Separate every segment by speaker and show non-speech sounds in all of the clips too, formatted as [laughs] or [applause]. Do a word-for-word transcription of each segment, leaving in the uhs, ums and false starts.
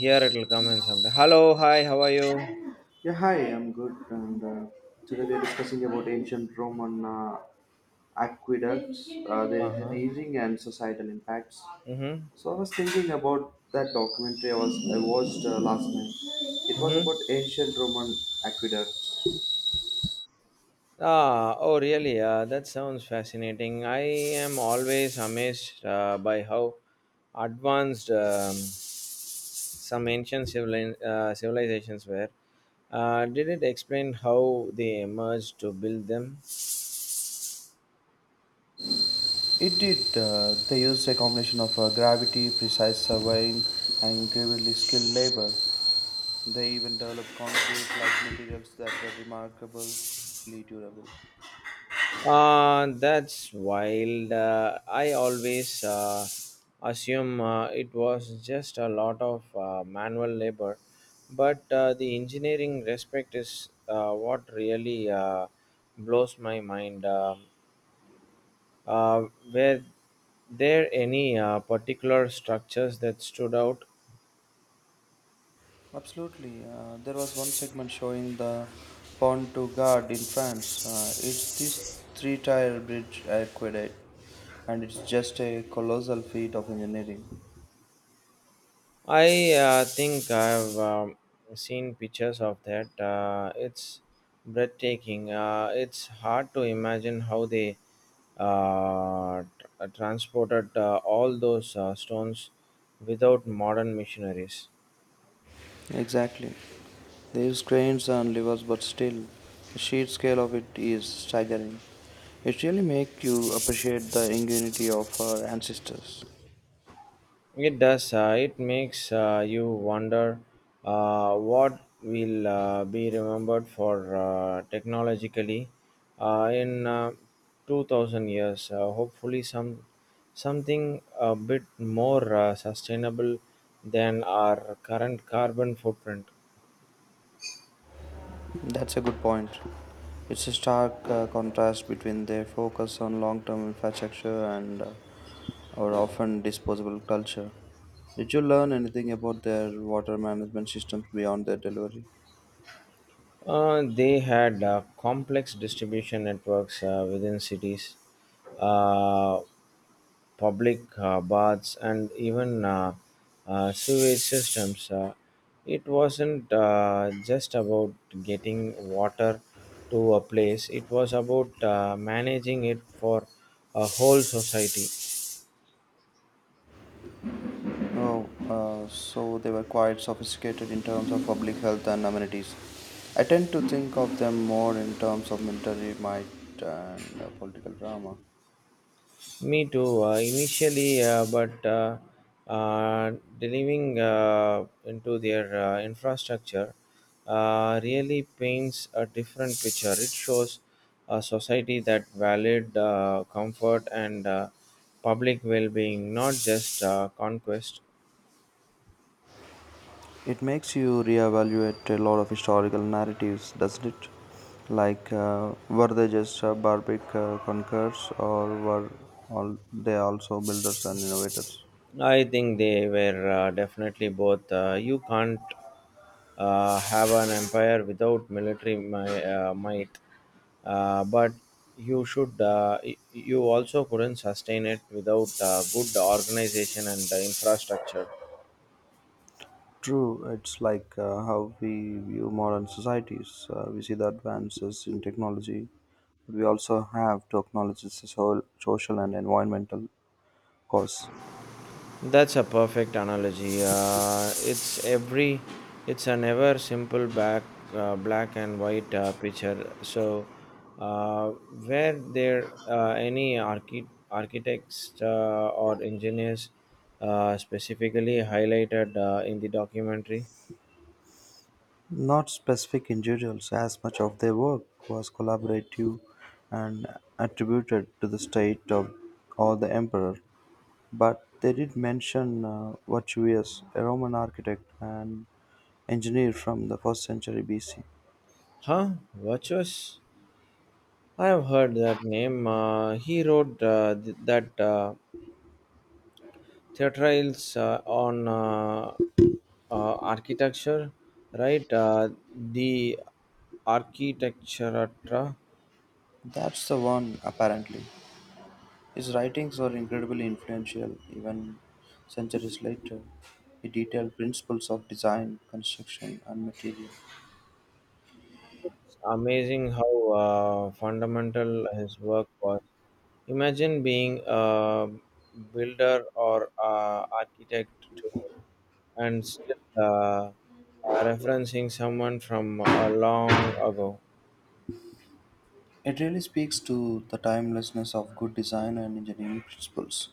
Speaker 1: Here it will come in sometime. Hello, hi, how are you?
Speaker 2: Yeah, hi, I'm good. And uh, Today we're discussing about ancient Roman uh, aqueducts, uh,
Speaker 1: Uh
Speaker 2: their
Speaker 1: huh.
Speaker 2: engineering and societal impacts.
Speaker 1: Mm-hmm.
Speaker 2: So I was thinking about that documentary I, was, I watched uh, last night. It was
Speaker 1: Mm-hmm.
Speaker 2: about ancient Roman aqueducts.
Speaker 1: Ah, oh, really? Uh, that sounds fascinating. I am always amazed uh, by how advanced um, some ancient civili- uh, civilizations were. Uh, did it explain how they emerged to build them?
Speaker 2: It did. Uh, they used a combination of uh, gravity, precise surveying, and incredibly skilled labor. They even developed concrete like materials that were remarkably durable.
Speaker 1: Uh, that's wild. Uh, I always uh, assume uh, it was just a lot of uh, manual labor, but uh, the engineering respect is uh, what really uh, blows my mind. Uh, uh, were there any uh, particular structures that stood out.
Speaker 2: Absolutely. Uh, there was one segment showing the Pont du Gard in France. Uh, it's this three tire bridge aqueduct, and it's just a colossal feat of engineering.
Speaker 1: I uh, think I've um, seen pictures of that. Uh, it's breathtaking. Uh, it's hard to imagine how they uh, tr- transported uh, all those uh, stones without modern machineries.
Speaker 2: Exactly. They use cranes and levers, but still, the sheer scale of it is staggering. It really makes you appreciate the ingenuity of our ancestors.
Speaker 1: It does. Uh, it makes uh, you wonder uh, what will uh, be remembered for uh, technologically uh, in uh, two thousand years. Uh, hopefully, some something a bit more uh, sustainable than our current carbon footprint.
Speaker 2: That's a good point. It's a stark uh, contrast between their focus on long term infrastructure and uh, our often disposable culture. Did you learn anything about their water management systems beyond their delivery?
Speaker 1: Uh, they had uh, complex distribution networks uh, within cities. Uh, Public uh, baths, and even uh, uh, sewage systems. Uh, it wasn't uh, just about getting water to a place. It was about uh, managing it for a whole society.
Speaker 2: No, uh, so they were quite sophisticated in terms of public health and amenities. I tend to think of them more in terms of military might and uh, political drama.
Speaker 1: Me too. Uh, initially, uh, but uh, uh, delivering uh, into their uh, infrastructure uh, really paints a different picture. It shows a society that valued uh, comfort and uh, public well-being, not just uh, conquest.
Speaker 2: It makes you reevaluate a lot of historical narratives, doesn't it? Like, uh, were they just uh, barbaric uh, conquerors, or were all they also builders and innovators?
Speaker 1: I think they were uh, definitely both. Uh, you can't uh, have an empire without military mi- uh, might, uh, but you should uh, y- you also couldn't sustain it without uh, good organization and uh, infrastructure.
Speaker 2: True, it's like uh, how we view modern societies. Uh, we see the advances in technology, but we also have to acknowledge its so- social and environmental costs.
Speaker 1: That's a perfect analogy. Uh, it's every, it's a never simple back, uh, black and white uh, picture. So, uh, were there uh, any archi- architects uh, or engineers uh, specifically highlighted uh, in the documentary?
Speaker 2: Not specific individuals, as much of their work was collaborative and attributed to the state of, or the emperor, but they did mention uh, Vitruvius, a Roman architect and engineer from the first century B C.
Speaker 1: Huh? Virtuous? I have heard that name. Uh, he wrote uh, th- that uh, theatrals uh, on uh, uh, architecture, right? Uh, the architecture
Speaker 2: That's the one, apparently. His writings were incredibly influential even centuries later. He detailed principles of design, construction, and material.
Speaker 1: amazing how uh, fundamental his work was. Imagine being a builder or uh, architect too, and still uh, uh, referencing someone from a long ago.
Speaker 2: It really speaks to the timelessness of good design and engineering principles.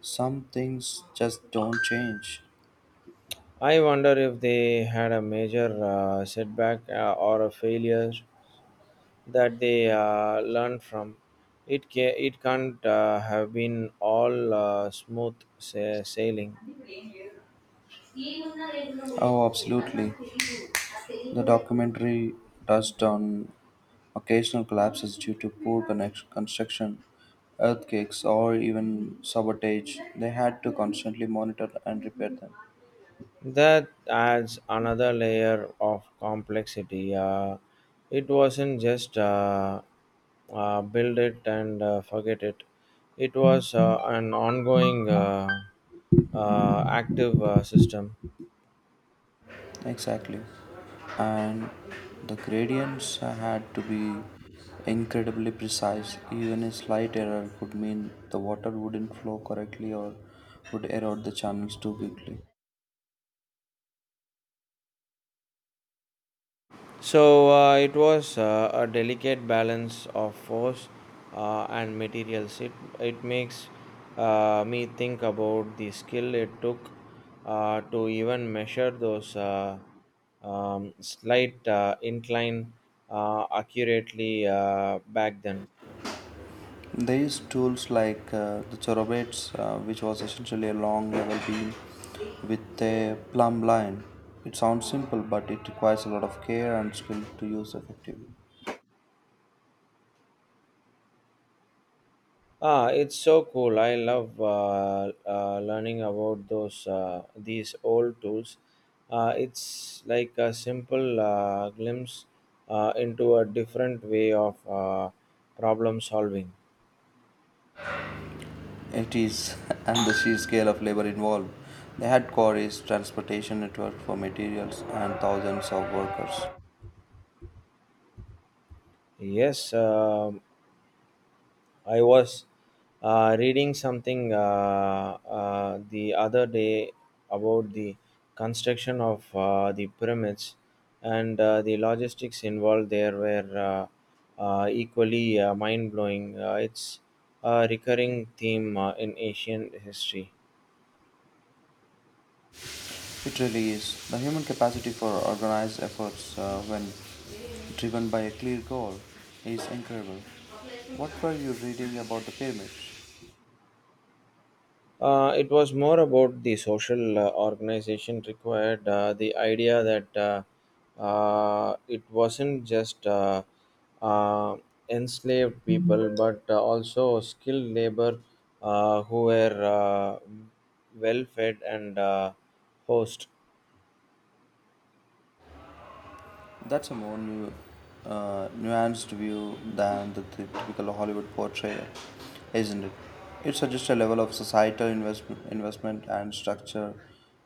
Speaker 2: Some things just don't change.
Speaker 1: I wonder if they had a major uh, setback uh, or a failure that they uh, learn from. It ca- it can't uh, have been all uh, smooth sa- sailing.
Speaker 2: Oh, absolutely. The documentary touched on occasional collapses due to poor connect- construction, earthquakes, or even sabotage. They had to constantly monitor and repair them.
Speaker 1: That adds another layer of complexity. Uh, it wasn't just uh, uh, build it and uh, forget it. It was uh, an ongoing, uh, uh, active uh, system.
Speaker 2: Exactly. And the gradients had to be incredibly precise. Even a slight error could mean the water wouldn't flow correctly or would erode the channels too quickly.
Speaker 1: So uh, it was uh, a delicate balance of force uh, and materials. It, it makes uh, me think about the skill it took uh, to even measure those uh, um, slight uh, incline uh, accurately uh, back then.
Speaker 2: They used tools like uh, the chorobates, uh, which was essentially a long level beam with a plumb line. It sounds simple, but it requires a lot of care and skill to use effectively.
Speaker 1: Ah, it's so cool. I love uh, uh, learning about those uh, these old tools. Uh, it's like a simple uh, glimpse uh, into a different way of uh, problem solving.
Speaker 2: It is, [laughs] and the sheer scale of labor involved. They had quarries, transportation network for materials, and thousands of workers.
Speaker 1: Yes, um I was uh, reading something uh, uh, the other day about the construction of uh, the pyramids and uh, the logistics involved there were uh, uh, equally uh, mind blowing. Uh, it's a recurring theme uh, in Asian history.
Speaker 2: It really is. The human capacity for organized efforts uh, when driven by a clear goal is incredible. What were you reading about the pyramids?
Speaker 1: Uh, it was more about the social uh, organization required, uh, the idea that uh, uh, it wasn't just uh, uh, enslaved people but uh, also skilled labor uh, who were uh, well fed and uh, host.
Speaker 2: That's a more nu- uh, nuanced view than the t- typical Hollywood portrayal, isn't it? It suggests a level of societal investment, investment and structure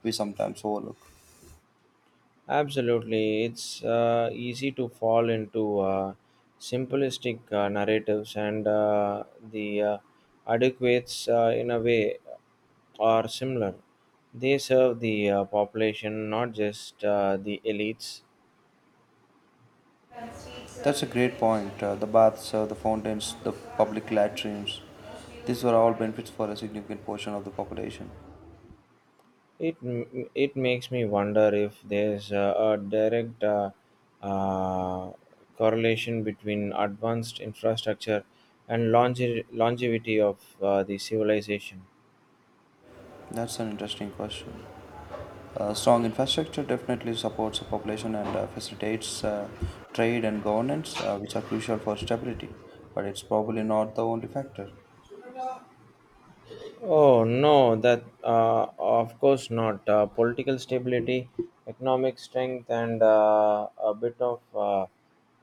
Speaker 2: we sometimes overlook.
Speaker 1: Absolutely, it's uh, easy to fall into uh, simplistic uh, narratives, and uh, the uh, adequates, uh, in a way, are similar. They serve the uh, population, not just uh, the elites.
Speaker 2: That's a great point. Uh, the baths, uh, the fountains, the public latrines. These were all benefits for a significant portion of the population.
Speaker 1: It m- it makes me wonder if there's uh, a direct uh, uh, correlation between advanced infrastructure and longe- longevity of uh, the civilization.
Speaker 2: That's an interesting question. Uh, strong infrastructure definitely supports the population and uh, facilitates uh, trade and governance, uh, which are crucial for stability. But it's probably not the only factor.
Speaker 1: Oh no, that uh, of course not. Uh, political stability, economic strength, and uh, a bit of uh,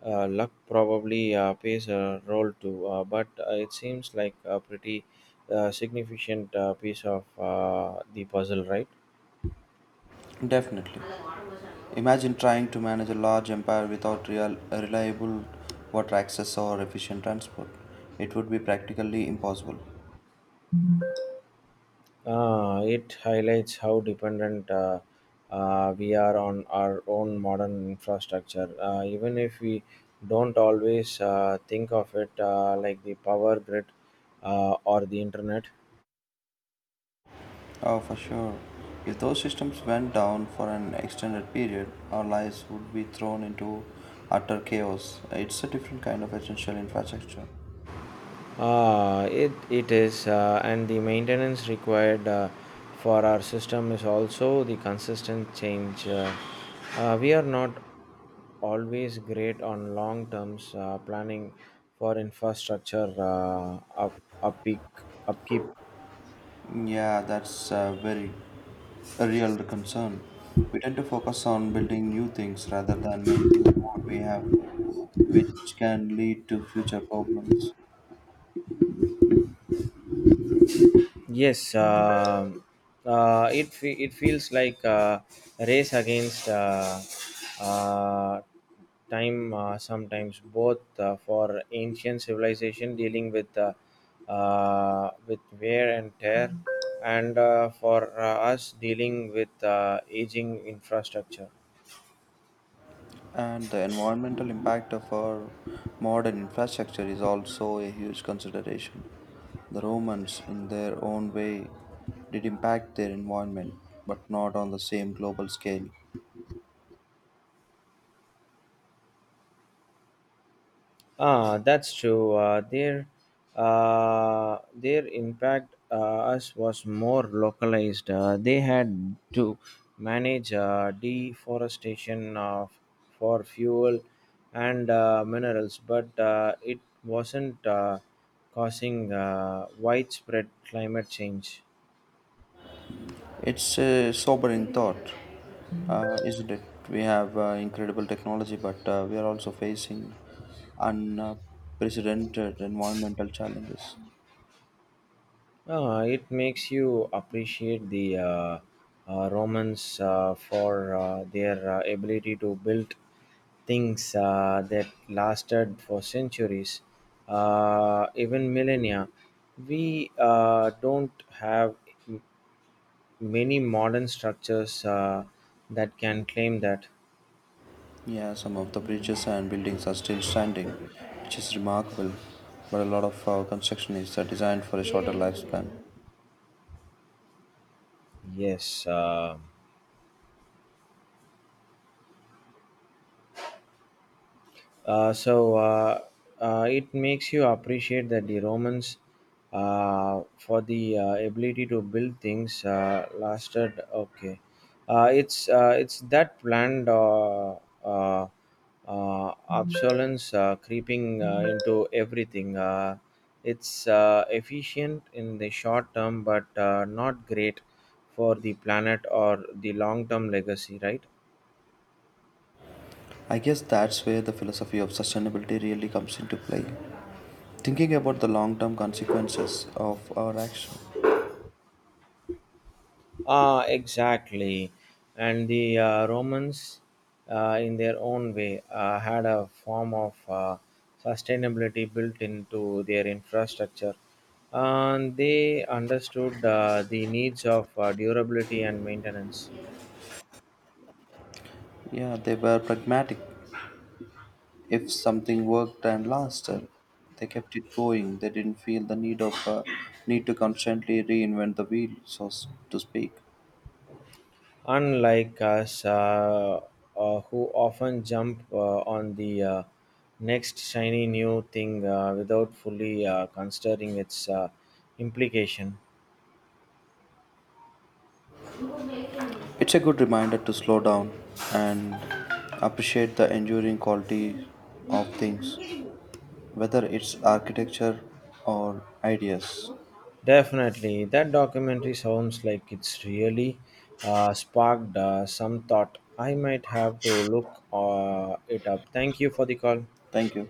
Speaker 1: uh, luck probably uh, plays a role too. Uh, but uh, it seems like a pretty uh, significant uh, piece of uh, the puzzle, right?
Speaker 2: Definitely. Imagine trying to manage a large empire without real, reliable water access or efficient transport. It would be practically impossible.
Speaker 1: Uh, it highlights how dependent uh, uh, we are on our own modern infrastructure. Uh, even if we don't always uh, think of it uh, like the power grid uh, or the internet.
Speaker 2: Oh, for sure. If those systems went down for an extended period, our lives would be thrown into utter chaos. It's a different kind of essential infrastructure.
Speaker 1: Uh, it, it is, uh, and the maintenance required uh, for our system is also the consistent change. Uh, uh, we are not always great on long terms uh, planning for infrastructure uh, up, upkeep, upkeep
Speaker 2: Yeah, that's a very a real concern. We tend to focus on building new things rather than maintaining what we have, which can lead to future problems.
Speaker 1: Yes, um uh, it fe- it feels like a race against uh, uh, time. Uh, sometimes both uh, for ancient civilization dealing with uh, uh, with wear and tear, and uh, for uh, us dealing with uh, aging infrastructure.
Speaker 2: And the environmental impact of our modern infrastructure is also a huge consideration. The Romans, in their own way, did impact their environment, but not on the same global scale.
Speaker 1: Ah, that's true. Uh, their uh, their impact uh, us was more localized. Uh, they had to manage uh, deforestation uh, for fuel and uh, minerals, but uh, it wasn't uh, causing uh, widespread climate change.
Speaker 2: It's a sobering thought, uh, isn't it? We have uh, incredible technology, but uh, we are also facing unprecedented environmental challenges.
Speaker 1: Uh, it makes you appreciate the uh, uh, Romans uh, for uh, their uh, ability to build things uh, that lasted for centuries, uh, even millennia. We uh, don't have m- many modern structures uh, that can claim that.
Speaker 2: Yeah, some of the bridges and buildings are still standing, which is remarkable. But a lot of our construction is uh, designed for a shorter lifespan.
Speaker 1: Yes. Uh, Uh, so uh, uh, it makes you appreciate that the Romans, uh, for the uh, ability to build things, uh, lasted. Okay, uh, it's uh, it's that planned uh, uh, uh, obsolescence uh, creeping uh, into everything. Uh, it's uh, efficient in the short term, but uh, not great for the planet or the long term legacy, right?
Speaker 2: I guess that's where the philosophy of sustainability really comes into play. Thinking about the long term consequences of our action.
Speaker 1: Ah, exactly. And the uh, Romans, uh, in their own way, uh, had a form of uh, sustainability built into their infrastructure. And they understood uh, the needs of uh, durability and maintenance.
Speaker 2: Yeah, they were pragmatic. If something worked and lasted, they kept it going. They didn't feel the need of uh, need to constantly reinvent the wheel, so s- to speak.
Speaker 1: Unlike us, uh, uh, who often jump uh, on the uh, next shiny new thing uh, without fully uh, considering its uh, implication.
Speaker 2: It's a good reminder to slow down and appreciate the enduring quality of things, whether it's architecture or ideas.
Speaker 1: Definitely, that documentary sounds like it's really uh, sparked uh, some thought. I might have to look uh, it up. Thank you for the call.
Speaker 2: Thank you.